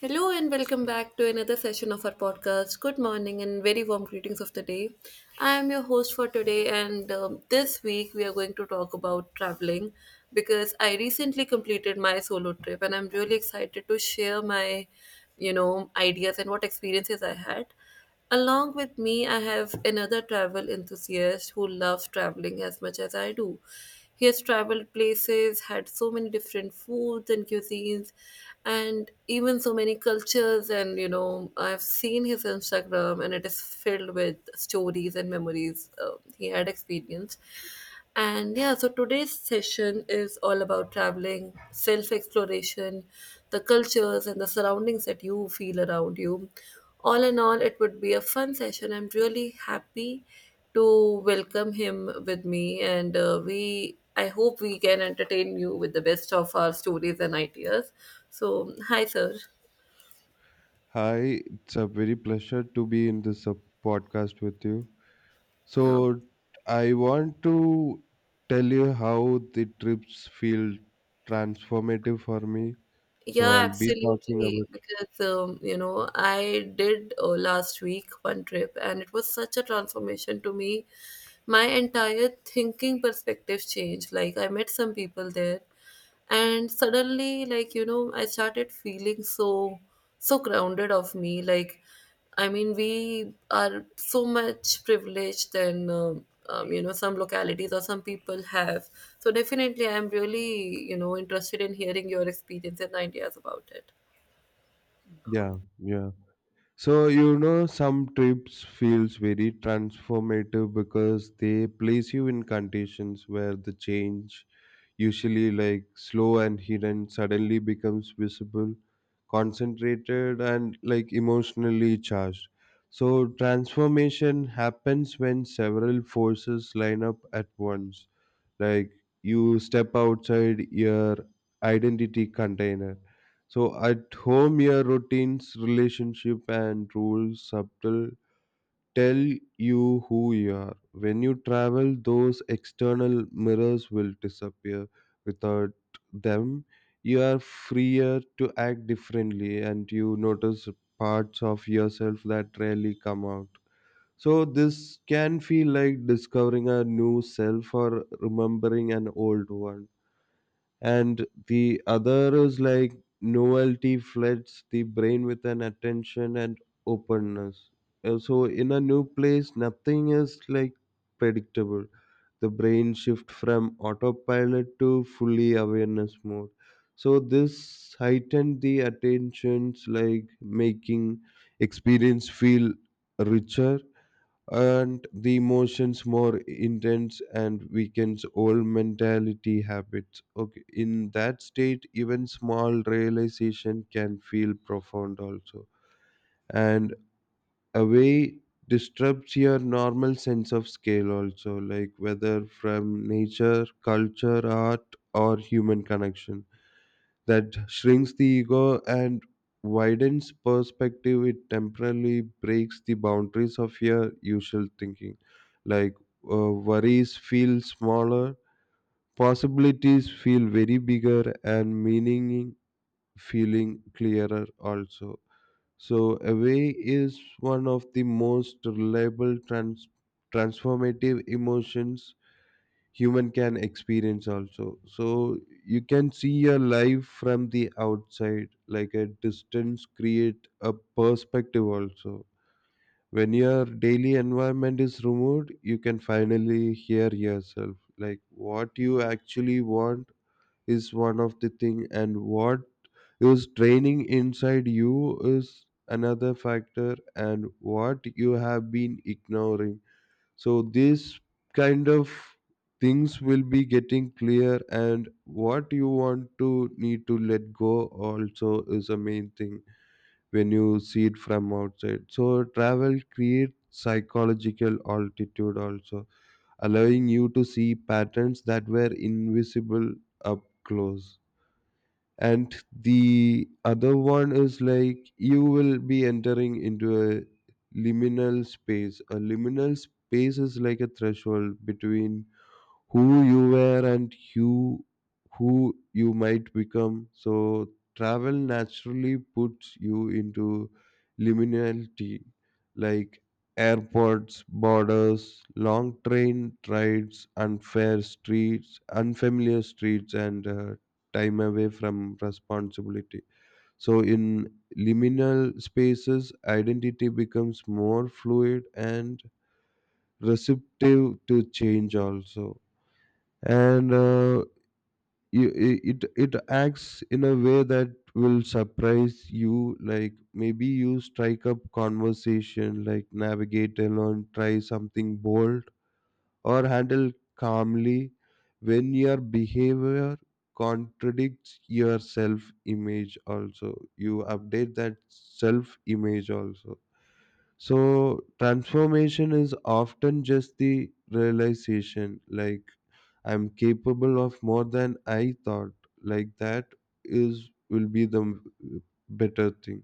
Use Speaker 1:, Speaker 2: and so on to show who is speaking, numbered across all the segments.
Speaker 1: Hello and welcome back to another session of our podcast. Good morning and very warm greetings of the day. I am your host for today, and this week we are going to talk about traveling because I recently completed my solo trip and I'm really excited to share my ideas and what experiences I had. Along with me, I have another travel enthusiast who loves traveling as much as I do. He has traveled places, had so many different foods and cuisines, and even so many cultures. And you know, I've seen his Instagram, and it is filled with stories and memories he had experienced. And yeah, so today's session is all about traveling, self exploration, the cultures, and the surroundings that you feel around you. All in all, it would be a fun session. I'm really happy to welcome him with me, and we I hope we can entertain you with the best of our stories and ideas. So, hi, sir.
Speaker 2: Hi, it's a very pleasure to be in this podcast with you.
Speaker 1: Um,
Speaker 2: So, I want to tell you how the trips feel transformative for me. So,
Speaker 1: Yeah,
Speaker 2: I'll be talking
Speaker 1: absolutely.
Speaker 2: about
Speaker 1: Because I did last week one trip and it was such a transformation to me. My entire thinking perspective changed. Like, I met some people there and suddenly, like, you know, I started feeling so so grounded of me. Like, I mean, we are so much privileged than some localities or some people have. So definitely I'm really, you know, interested in hearing your experience and ideas about it.
Speaker 2: yeah, yeah. So, you know, some trips feels very transformative because they place you in conditions where the change usually like slow and hidden, suddenly becomes visible, concentrated, and like emotionally charged. So, transformation happens when several forces line up at once. Like you step outside your identity container. So, at home, your routines, relationship, and rules subtle tell you who you are. When you travel, those external mirrors will disappear. Without them, you are freer to act differently and you notice parts of yourself that rarely come out. So, this can feel like discovering a new self or remembering an old one, and the other is like novelty floods the brain with an attention and openness. So in a new place, nothing is like predictable. The brain shift from autopilot to fully awareness mode. So this heightened the attentions, like making experience feel richer, and the emotions more intense and weakens old mentality habits. Okay, in that state even small realization can feel profound also, and a way disrupts your normal sense of scale also, like whether from nature, culture, art, or human connection, that shrinks the ego and widens perspective. It temporarily breaks the boundaries of your usual thinking. Like worries feel smaller, possibilities feel very bigger, and meaning feeling clearer also. So, away is one of the most reliable transformative emotions human can experience also. So you can see your life from the outside, like a distance create a perspective also. When your daily environment is removed, you can finally hear yourself, like what you actually want is one of the thing, and what is training inside you is another factor, and what you have been ignoring. So these kind of things will be getting clear, and what you want to need to let go also is a main thing when you see it from outside. So travel creates psychological altitude also, allowing you to see patterns that were invisible up close. And the other one is like you will be entering into a liminal space. A liminal space is like a threshold between who you were and who you might become. So travel naturally puts you into liminality, like airports, borders, long train rides, unfair streets, unfamiliar streets, and time away from responsibility. So, in liminal spaces, identity becomes more fluid and receptive to change, also. And you- I- it acts in a way that will surprise you, like maybe you strike up conversation, like navigate alone, try something bold, or handle calmly. When your behavior contradicts your self image, also you update that self image also. So transformation is often just the realization, like I'm capable of more than I thought, like that is will be the better thing.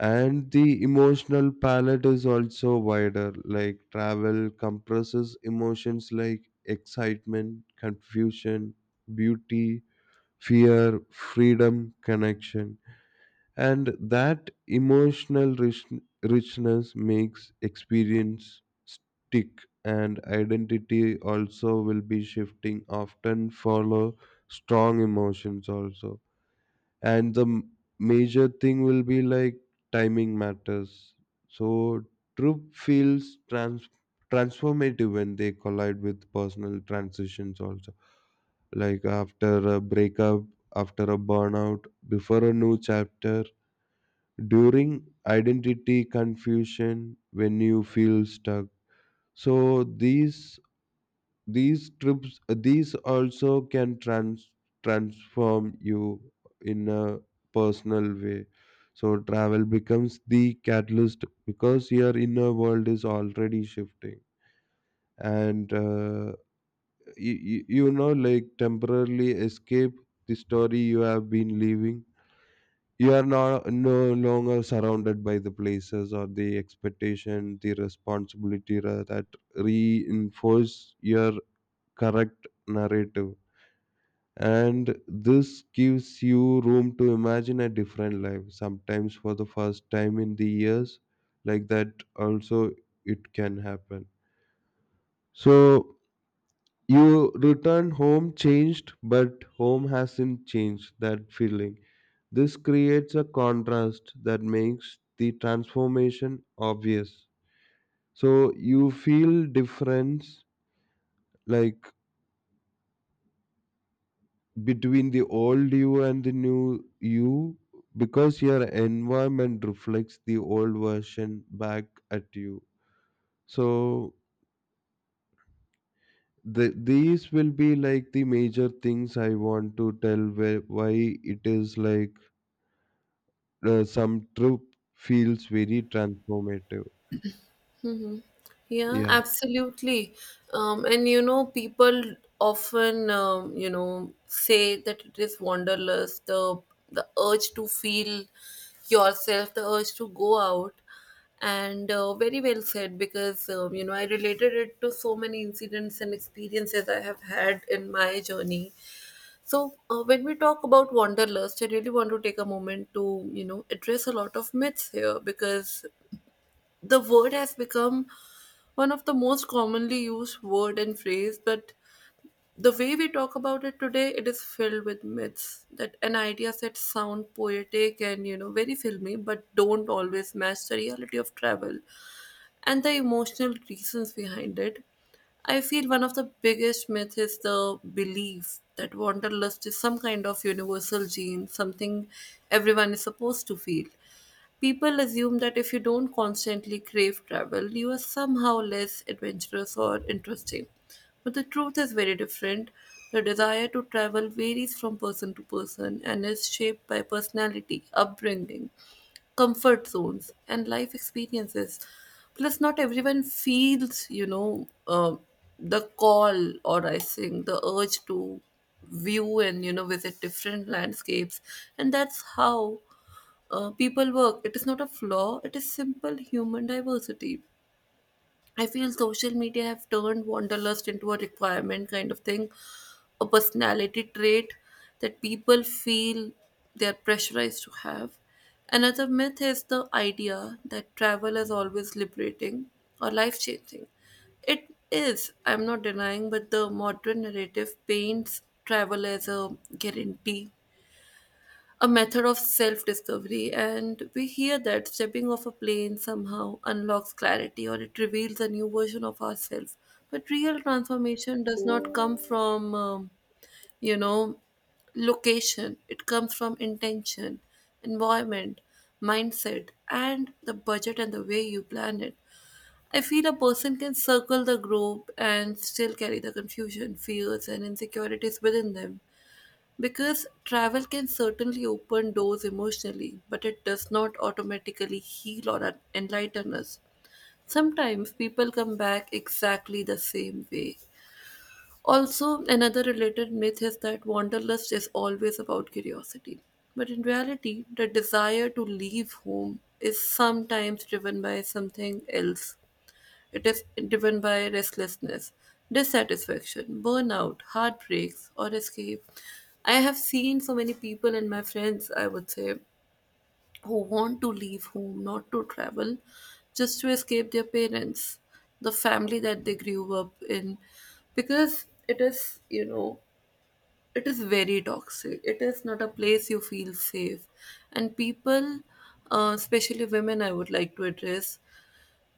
Speaker 2: And the emotional palette is also wider, like travel compresses emotions like excitement, confusion, beauty, fear, freedom, connection, and that emotional richness makes experience stick, and identity also will be shifting often follow strong emotions also. And the major thing will be like timing matters. So troop feels transformative when they collide with personal transitions also, like after a breakup, after a burnout, before a new chapter, during identity confusion, when you feel stuck. So these trips, these also can transform you in a personal way. So travel becomes the catalyst because your inner world is already shifting. And you, you know like temporarily escape the story you have been living. You are not no longer surrounded by the places or the expectation, the responsibility, that reinforce your correct narrative. And this gives you room to imagine a different life, sometimes for the first time in the years, like that also it can happen. So you return home changed, but home hasn't changed that feeling. This creates a contrast that makes the transformation obvious. So you feel difference, like between the old you and the new you, because your environment reflects the old version back at you. So these will be like the major things I want to tell where, why it is like some trip feels very transformative.
Speaker 1: Yeah,
Speaker 2: Yeah,
Speaker 1: absolutely. And you know, people often say that it is wanderlust, the urge to feel yourself, the urge to go out, and very well said because you know, I related it to so many incidents and experiences I have had in my journey. So when we talk about wanderlust, I really want to take a moment to, you know, address a lot of myths here, because the word has become one of the most commonly used word and phrase, but the way we talk about it today, it is filled with myths that an idea set sound poetic and, you know, very filmy, but don't always match the reality of travel and the emotional reasons behind it. I feel one of the biggest myths is the belief that wanderlust is some kind of universal gene, something everyone is supposed to feel. People assume that if you don't constantly crave travel, you are somehow less adventurous or interesting. But the truth is very different. The desire to travel varies from person to person and is shaped by personality, upbringing, comfort zones and life experiences. Plus, not everyone feels, you know, the call, or I think the urge to view and, you know, visit different landscapes, and that's how people work. It is not a flaw, it is simple human diversity. I feel social media have turned wanderlust into a requirement kind of thing, a personality trait that people feel they're pressurized to have. Another myth is the idea that travel is always liberating or life changing. It is, I'm not denying, but the modern narrative paints travel as a guarantee, a method of self discovery, and we hear that stepping off a plane somehow unlocks clarity or it reveals a new version of ourselves. But real transformation does not come from, you know, location, it comes from intention, environment, mindset, and the budget and the way you plan it. I feel a person can circle the globe and still carry the confusion, fears, and insecurities within them. Because travel can certainly open doors emotionally, but it does not automatically heal or enlighten us. Sometimes people come back exactly the same way. Also, another related myth is that wanderlust is always about curiosity. But in reality, the desire to leave home is sometimes driven by something else. It is driven by restlessness, dissatisfaction, burnout, heartbreaks, or escape. I have seen so many people and my friends, I would say, who want to leave home, not to travel, just to escape their parents, the family that they grew up in, because it is, you know, it is very toxic. It is not a place you feel safe. And people, especially women, I would like to address,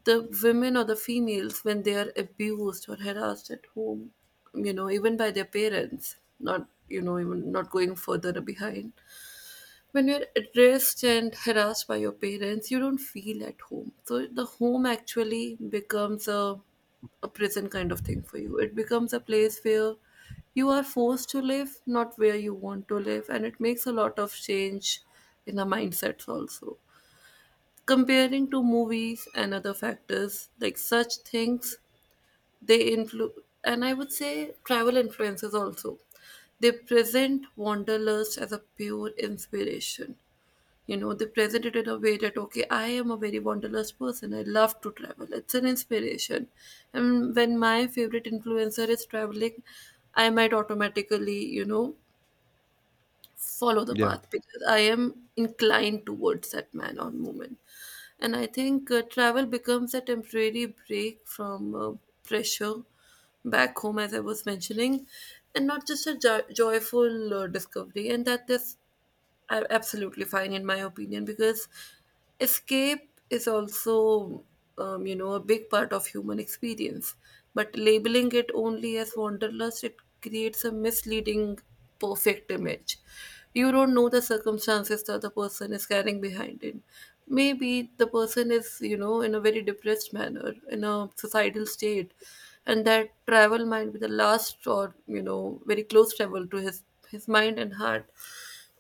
Speaker 1: the women or the females when they are abused or harassed at home, you know, even by their parents, not, you know, even not going further behind. When you're addressed and harassed by your parents, you don't feel at home, so the home actually becomes a prison kind of thing for you. It becomes a place where you are forced to live, not where you want to live, and it makes a lot of change in the mindsets also, comparing to movies and other factors. Like, such things, they influence, and I would say travel influences also. They present wanderlust as a pure inspiration. You know, they present it in a way that, okay, I am a very wanderlust person, I love to travel, it's an inspiration. And when my favorite influencer is traveling, I might automatically, you know, follow the
Speaker 2: yeah,
Speaker 1: path because I am inclined towards that man or moment. And I think travel becomes a temporary break from pressure back home, as I was mentioning, and not just a joyful discovery. And that is absolutely fine in my opinion, because escape is also, you know, a big part of human experience, but labeling it only as wanderlust, it creates a misleading perfect image. You don't know the circumstances the other person is carrying behind it. Maybe the person is, you know, in a very depressed manner, in a societal state, and that travel might be the last, or, you know, very close travel to his mind and heart.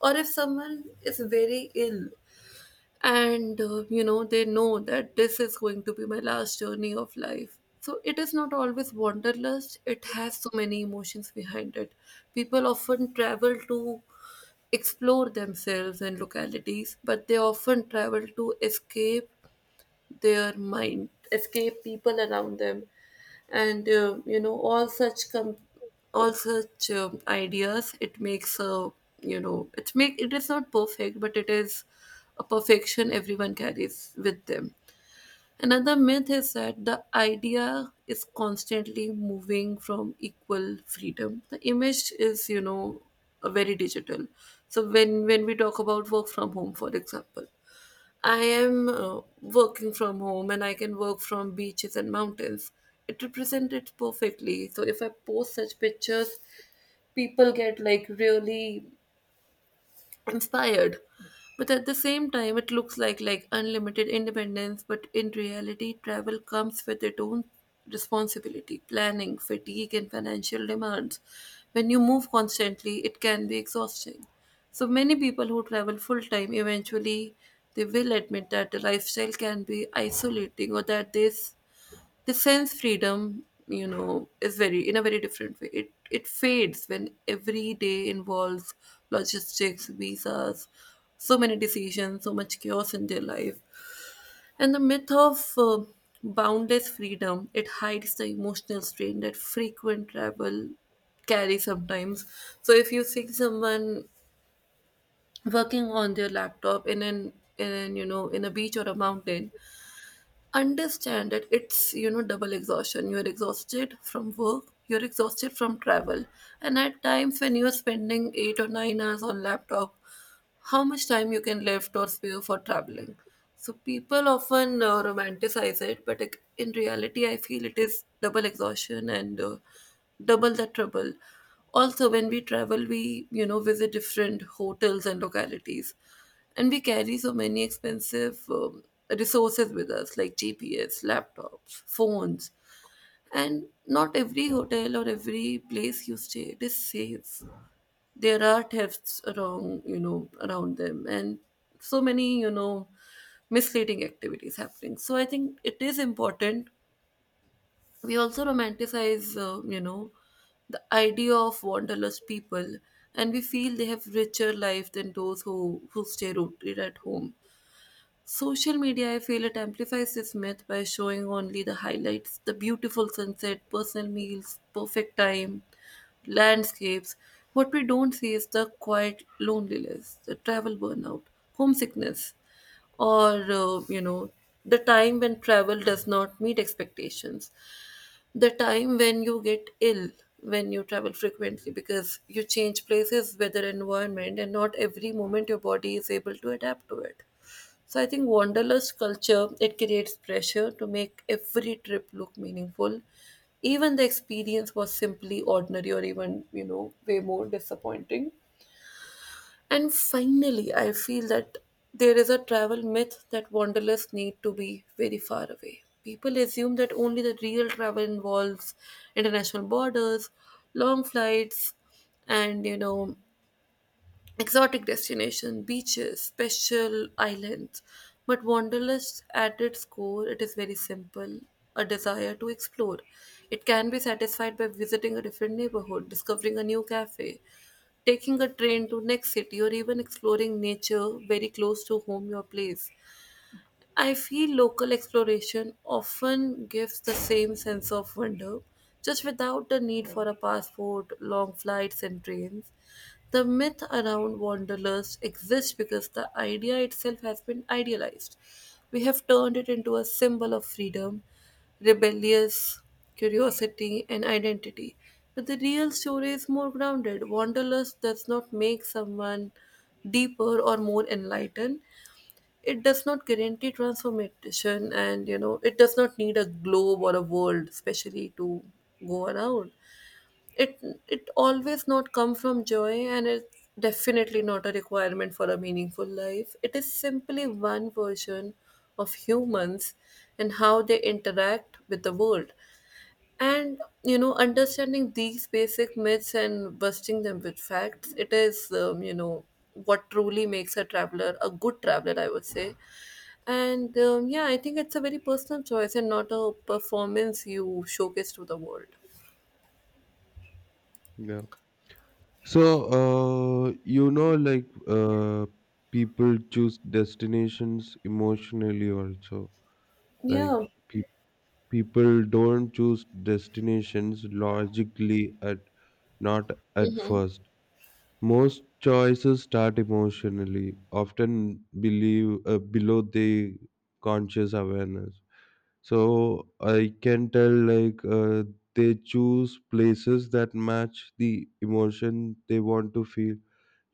Speaker 1: Or if someone is very ill, and you know, they know that this is going to be my last journey of life. So it is not always wanderlust, it has so many emotions behind it. People often travel to explore themselves and localities, but they often travel to escape their mind, escape people around them, and you know, all such all such ideas. It makes a, you know, it make, it is not perfect, but it is a perfection everyone carries with them. Another myth is that the idea is constantly moving from equal freedom. The image is, you know, very digital. So when we talk about work from home, for example, I am working from home and I can work from beaches and mountains. It represents it perfectly. So if I post such pictures, people get like really inspired, but at the same time it looks like unlimited independence. But in reality, travel comes with its own responsibility, planning fatigue and financial demands. When you move constantly, it can be exhausting. So many people who travel full time eventually, they will admit that the lifestyle can be isolating, or that this the sense freedom, you know, is very, in a very different way, it fades when every day involves logistics, visas, so many decisions, so much chaos in their life. And the myth of boundless freedom, it hides the emotional strain that frequent travel carry sometimes. So if you see someone working on their laptop in an, you know in a beach or a mountain, understand it, it's, you know, double exhaustion. You're exhausted from work, you're exhausted from travel. And at times when you're spending 8 or 9 hours on laptop, how much time you can left or spare for traveling. So people often romanticize it, but in reality, I feel it is double exhaustion and double the trouble. Also, when we travel, we, you know, visit different hotels and localities, and we carry so many expensive resources with us, like GPS, laptops, phones, and not every hotel or every place you stay, it is safe. There are thefts around, you know, around them, and so many, you know, misleading activities happening. So I think it is important, we also romanticize, you know, the idea of wanderlust people, and we feel they have richer life than those who stay rooted at home. Social media, I feel it amplifies this myth by showing only the highlights, the beautiful sunset, personal meals, perfect time, landscapes. What we don't see is the quiet loneliness, the travel burnout, homesickness, or, you know, the time when travel does not meet expectations, the time when you get ill when you travel frequently, because you change places, weather, environment, and not every moment your body is able to adapt to it. So I think wanderlust culture, it creates pressure to make every trip look meaningful, even the experience was simply ordinary or even, you know, way more disappointing. And finally, I feel that there is a travel myth that wanderlusts need to be very far away. People assume that only the real travel involves international borders, long flights, and exotic destination, beaches, special islands. But wanderlust at its core, it is very simple, a desire to explore. It can be satisfied by visiting a different neighborhood, discovering a new cafe, taking a train to next city or even exploring nature very close to home your place. I feel local exploration often gives the same sense of wonder, just without the need for a passport, long flights, and trains. The myth around wanderlust exists because the idea itself has been idealized. We have turned it into a symbol of freedom, rebellious curiosity, and identity. But the real story is more grounded. Wanderlust does not make someone deeper or more enlightened. It does not guarantee transformation, and it does not need a globe or a world especially to go around it it. Always not come from joy, and it's definitely not a requirement for a meaningful life. It is simply one version of humans and how they interact with the world. And understanding these basic myths and busting them with facts, it is what truly makes a traveler a good traveler, I would say. And yeah, I think it's a very personal choice and not a performance you showcase to the world.
Speaker 2: yeah. So, uh, you know, like uh, people choose destinations emotionally also.
Speaker 1: Yeah.
Speaker 2: Like pe- people don't choose destinations logically at not at first. Most choices start emotionally, often believe below the conscious awareness. So I can tell like they choose places that match the emotion they want to feel,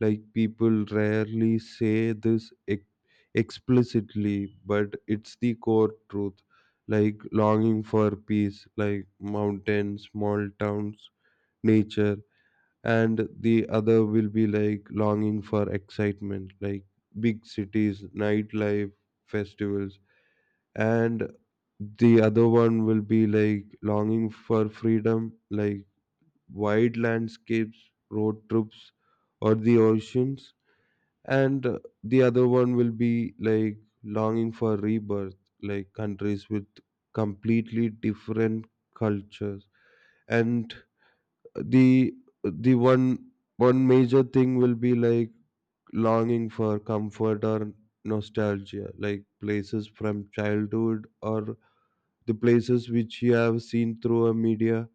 Speaker 2: like people rarely say this explicitly, but it's the core truth, like longing for peace, like mountains, small towns, nature. And the other will be like longing for excitement, like big cities, nightlife, festivals. And the other one will be like longing for freedom, like wide landscapes, road trips, or the oceans. And the other one will be like longing for rebirth, like countries with completely different cultures. And the the one major thing will be like longing for comfort or nostalgia, like places from childhood or the places which you have seen through a media.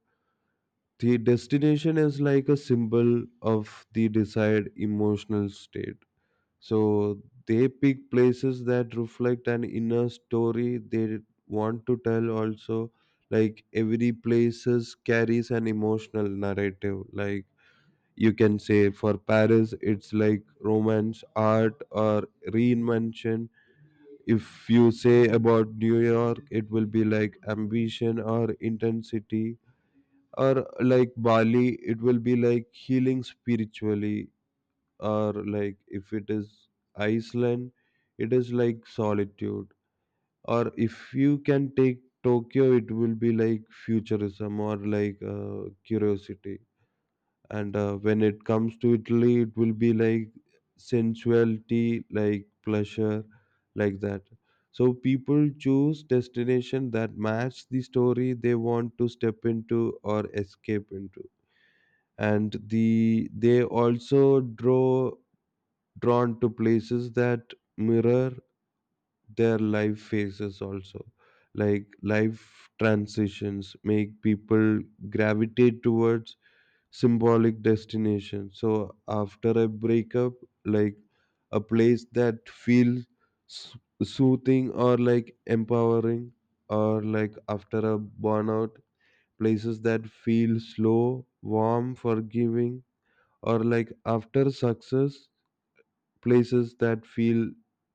Speaker 2: The destination is like a symbol of the desired emotional state, so they pick places that reflect an inner story they want to tell also. Like every places carries an emotional narrative, like you can say for Paris it's like romance, art, or reinvention. If you say about New York, it will be like ambition or intensity, or like Bali it will be like healing spiritually, or like if it is Iceland, it is like solitude. Or if you can take Tokyo, it will be like futurism or like curiosity. And when it comes to Italy, it will be like sensuality, like pleasure, like that. So people choose destination that match the story they want to step into or escape into. And they also drawn to places that mirror their life phases also, like life transitions make people gravitate towards symbolic destinations. So after a breakup, like a place that feels s- soothing or like empowering, or like after a burnout, places that feel slow, warm, forgiving, or like after success, places that feel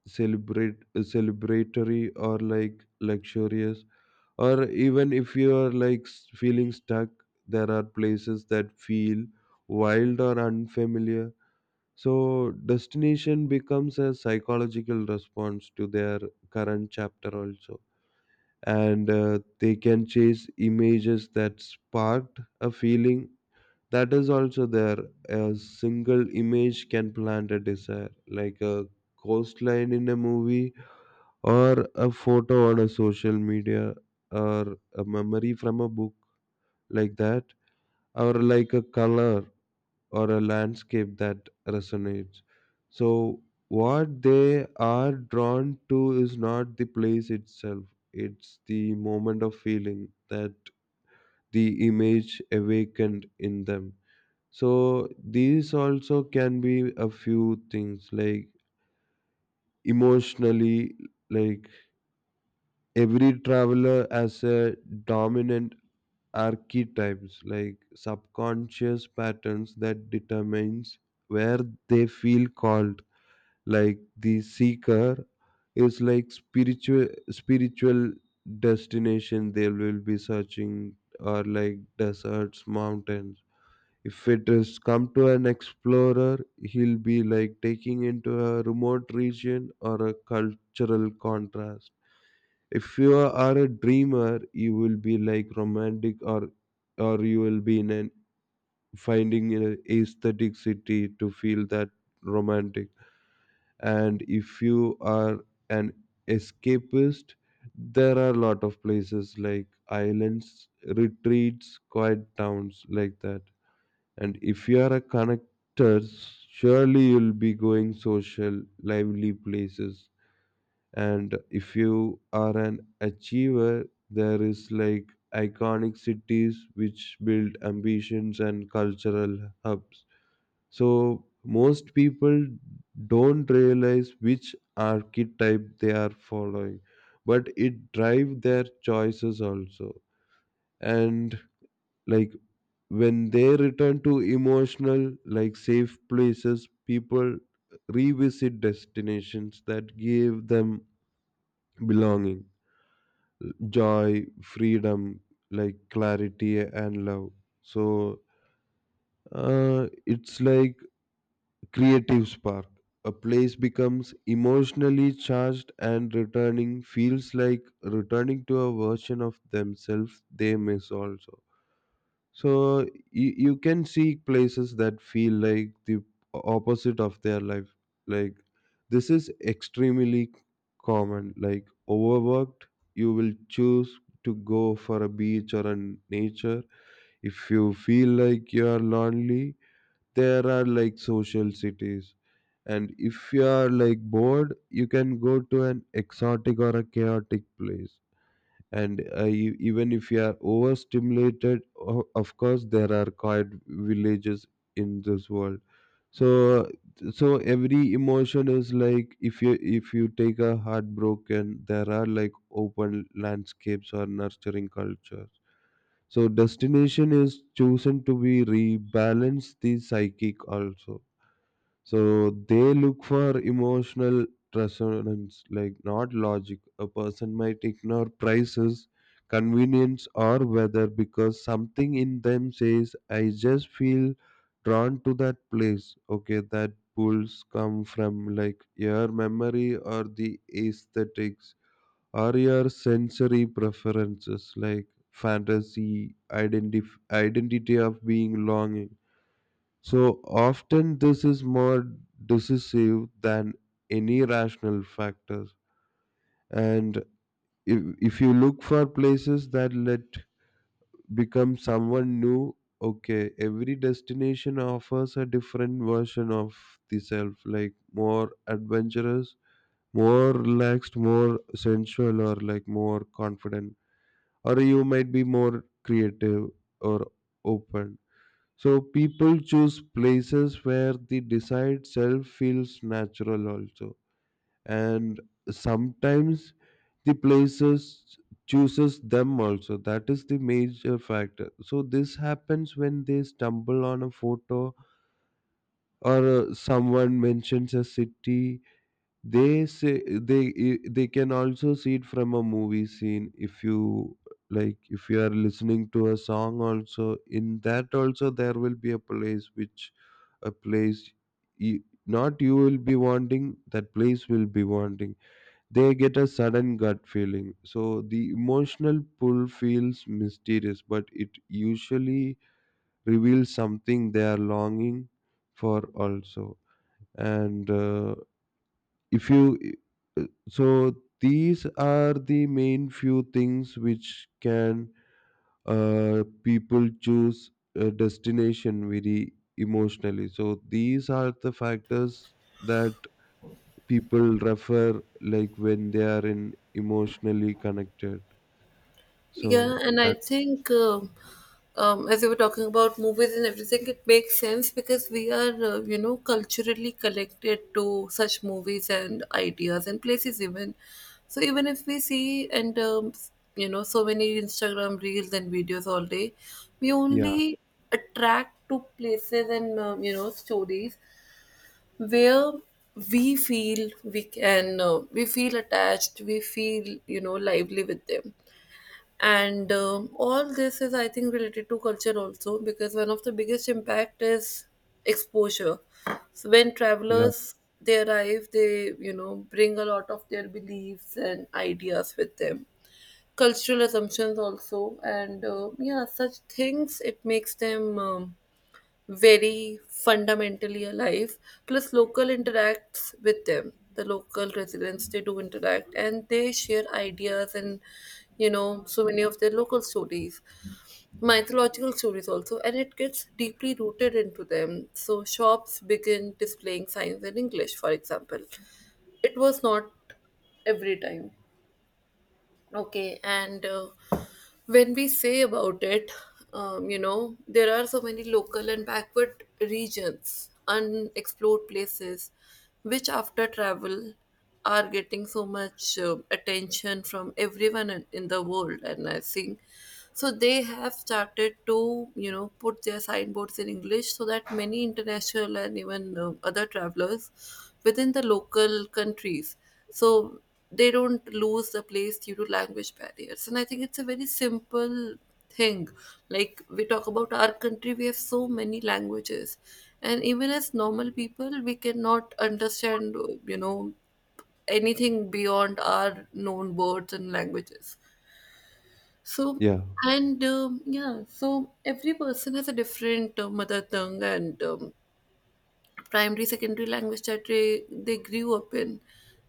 Speaker 2: celebrate celebratory or like luxurious, or even if you are like feeling stuck, there are places that feel wild or unfamiliar. So destination becomes a psychological response to their current chapter also. And they can chase images that sparked a feeling, that is also there. A single image can plant a desire, like a coastline in a movie, or a photo on a social media, or a memory from a book, like that, or like a color or a landscape that resonates. So what they are drawn to is not the place itself, it's the moment of feeling that the image awakened in them. So these also can be a few things like emotionally, like every traveler has a dominant archetypes, like subconscious patterns that determines where they feel called. Like the seeker is like spiritual destination they will be searching, or like deserts, mountains. If it is come to an explorer, he'll be like taking into a remote region or a cultural contrast. If you are a dreamer, you will be like romantic, or you will be in an finding an aesthetic city to feel that romantic. And if you are an escapist, there are a lot of places like islands, retreats, quiet towns, like that. And if you are a connector, surely you'll be going social, lively places. And if you are an achiever, there is like iconic cities which build ambitions and cultural hubs. So most people don't realize which archetype they are following, but it drives their choices also. And like when they return to emotional, like safe places, people revisit destinations that give them belonging, joy, freedom, like clarity and love. So it's like creative spark, a place becomes emotionally charged and returning feels like returning to a version of themselves they miss also. So you can see places that feel like the opposite of their life. Like this is extremely common. Like overworked, you will choose to go for a beach or a nature. If you feel like you are lonely, there are like social cities. And if you are like bored, you can go to an exotic or a chaotic place. And even if you are overstimulated, of course there are quiet villages in this world. So so every emotion is like, if you take a heartbroken, there are like open landscapes or nurturing cultures. So destination is chosen to be rebalance the psychic also. So they look for emotional resonance, like not logic. A person might ignore prices, convenience, or weather because something in them says, I just feel drawn to that place. Okay, that pulls come from like your memory or the aesthetics or your sensory preferences, like fantasy, identity of being longing. So often this is more decisive than any rational factor. And if you look for places that let become someone new, okay, every destination offers a different version of the self, like more adventurous, more relaxed, more sensual, or like more confident, or you might be more creative or open. So people choose places where the desired self feels natural also. And sometimes the places chooses them also. That is the major factor. So this happens when they stumble on a photo, or someone mentions a city, they say they I- they can also see it from a movie scene. If you like, if you are listening to a song, also in that also there will be a place which a place you, not you will be wanting, that place will be wanting. They get a sudden gut feeling. So the emotional pull feels mysterious, but it usually reveals something they are longing for also. And. If you So these are the main few things which can people choose a destination very emotionally. So these are the factors that people refer like when they are in emotionally connected.
Speaker 1: Yeah,
Speaker 2: So
Speaker 1: and I
Speaker 2: that
Speaker 1: think as you were talking about movies and everything, it makes sense because we are, culturally connected to such movies and ideas and places even. So even if we see and so many Instagram reels and videos all day, we
Speaker 2: yeah,
Speaker 1: only attract to places and stories where we feel we can we feel attached, we feel lively with them. And all this is I think related to culture also, because one of the biggest impact is exposure. So when
Speaker 2: yeah,
Speaker 1: travelers they arrive, they bring a lot of their beliefs and ideas with them, cultural assumptions also. And yeah, such things it makes them very fundamentally alive. Plus local interacts with them, the local residents they do interact and they share ideas and so many of their local stories, mythological stories also, and it gets deeply rooted into them. So shops begin displaying signs in English, for example. It was not every time. Okay, and when we say about it, there are so many local and backward regions, unexplored places, which after travel are getting so much attention from everyone in the world. And I think so they have started to, put their signboards in English so that many international and even other travelers within the local countries. So they don't lose the place due to language barriers. And I think it's a very simple thing. Like we talk about our country, we have so many languages. And even as normal people, we cannot understand, you know, anything beyond our known words and languages. So,
Speaker 2: yeah,
Speaker 1: and yeah, so every person has a different mother tongue and primary secondary language that they grew up in.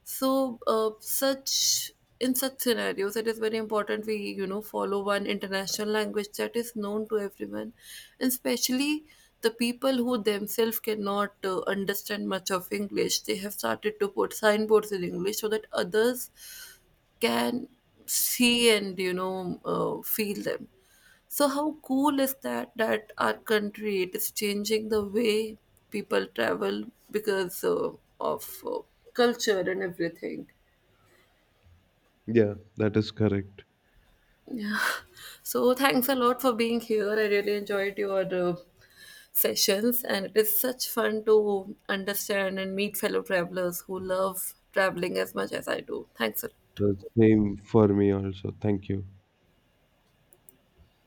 Speaker 1: So such in such scenarios it is very important we follow one international language that is known to everyone. And especially the people who themselves cannot understand much of English, they have started to put signboards in English so that others can see and feel them. So how cool is that, that our country it is changing the way people travel, because of culture and everything.
Speaker 2: yeah, that is correct.
Speaker 1: Yeah. So thanks a lot for being here. I really enjoyed your sessions, and it is such fun to understand and meet fellow travelers who love traveling as much as I do. Thanks a lot.
Speaker 2: The same for me also. Thank you.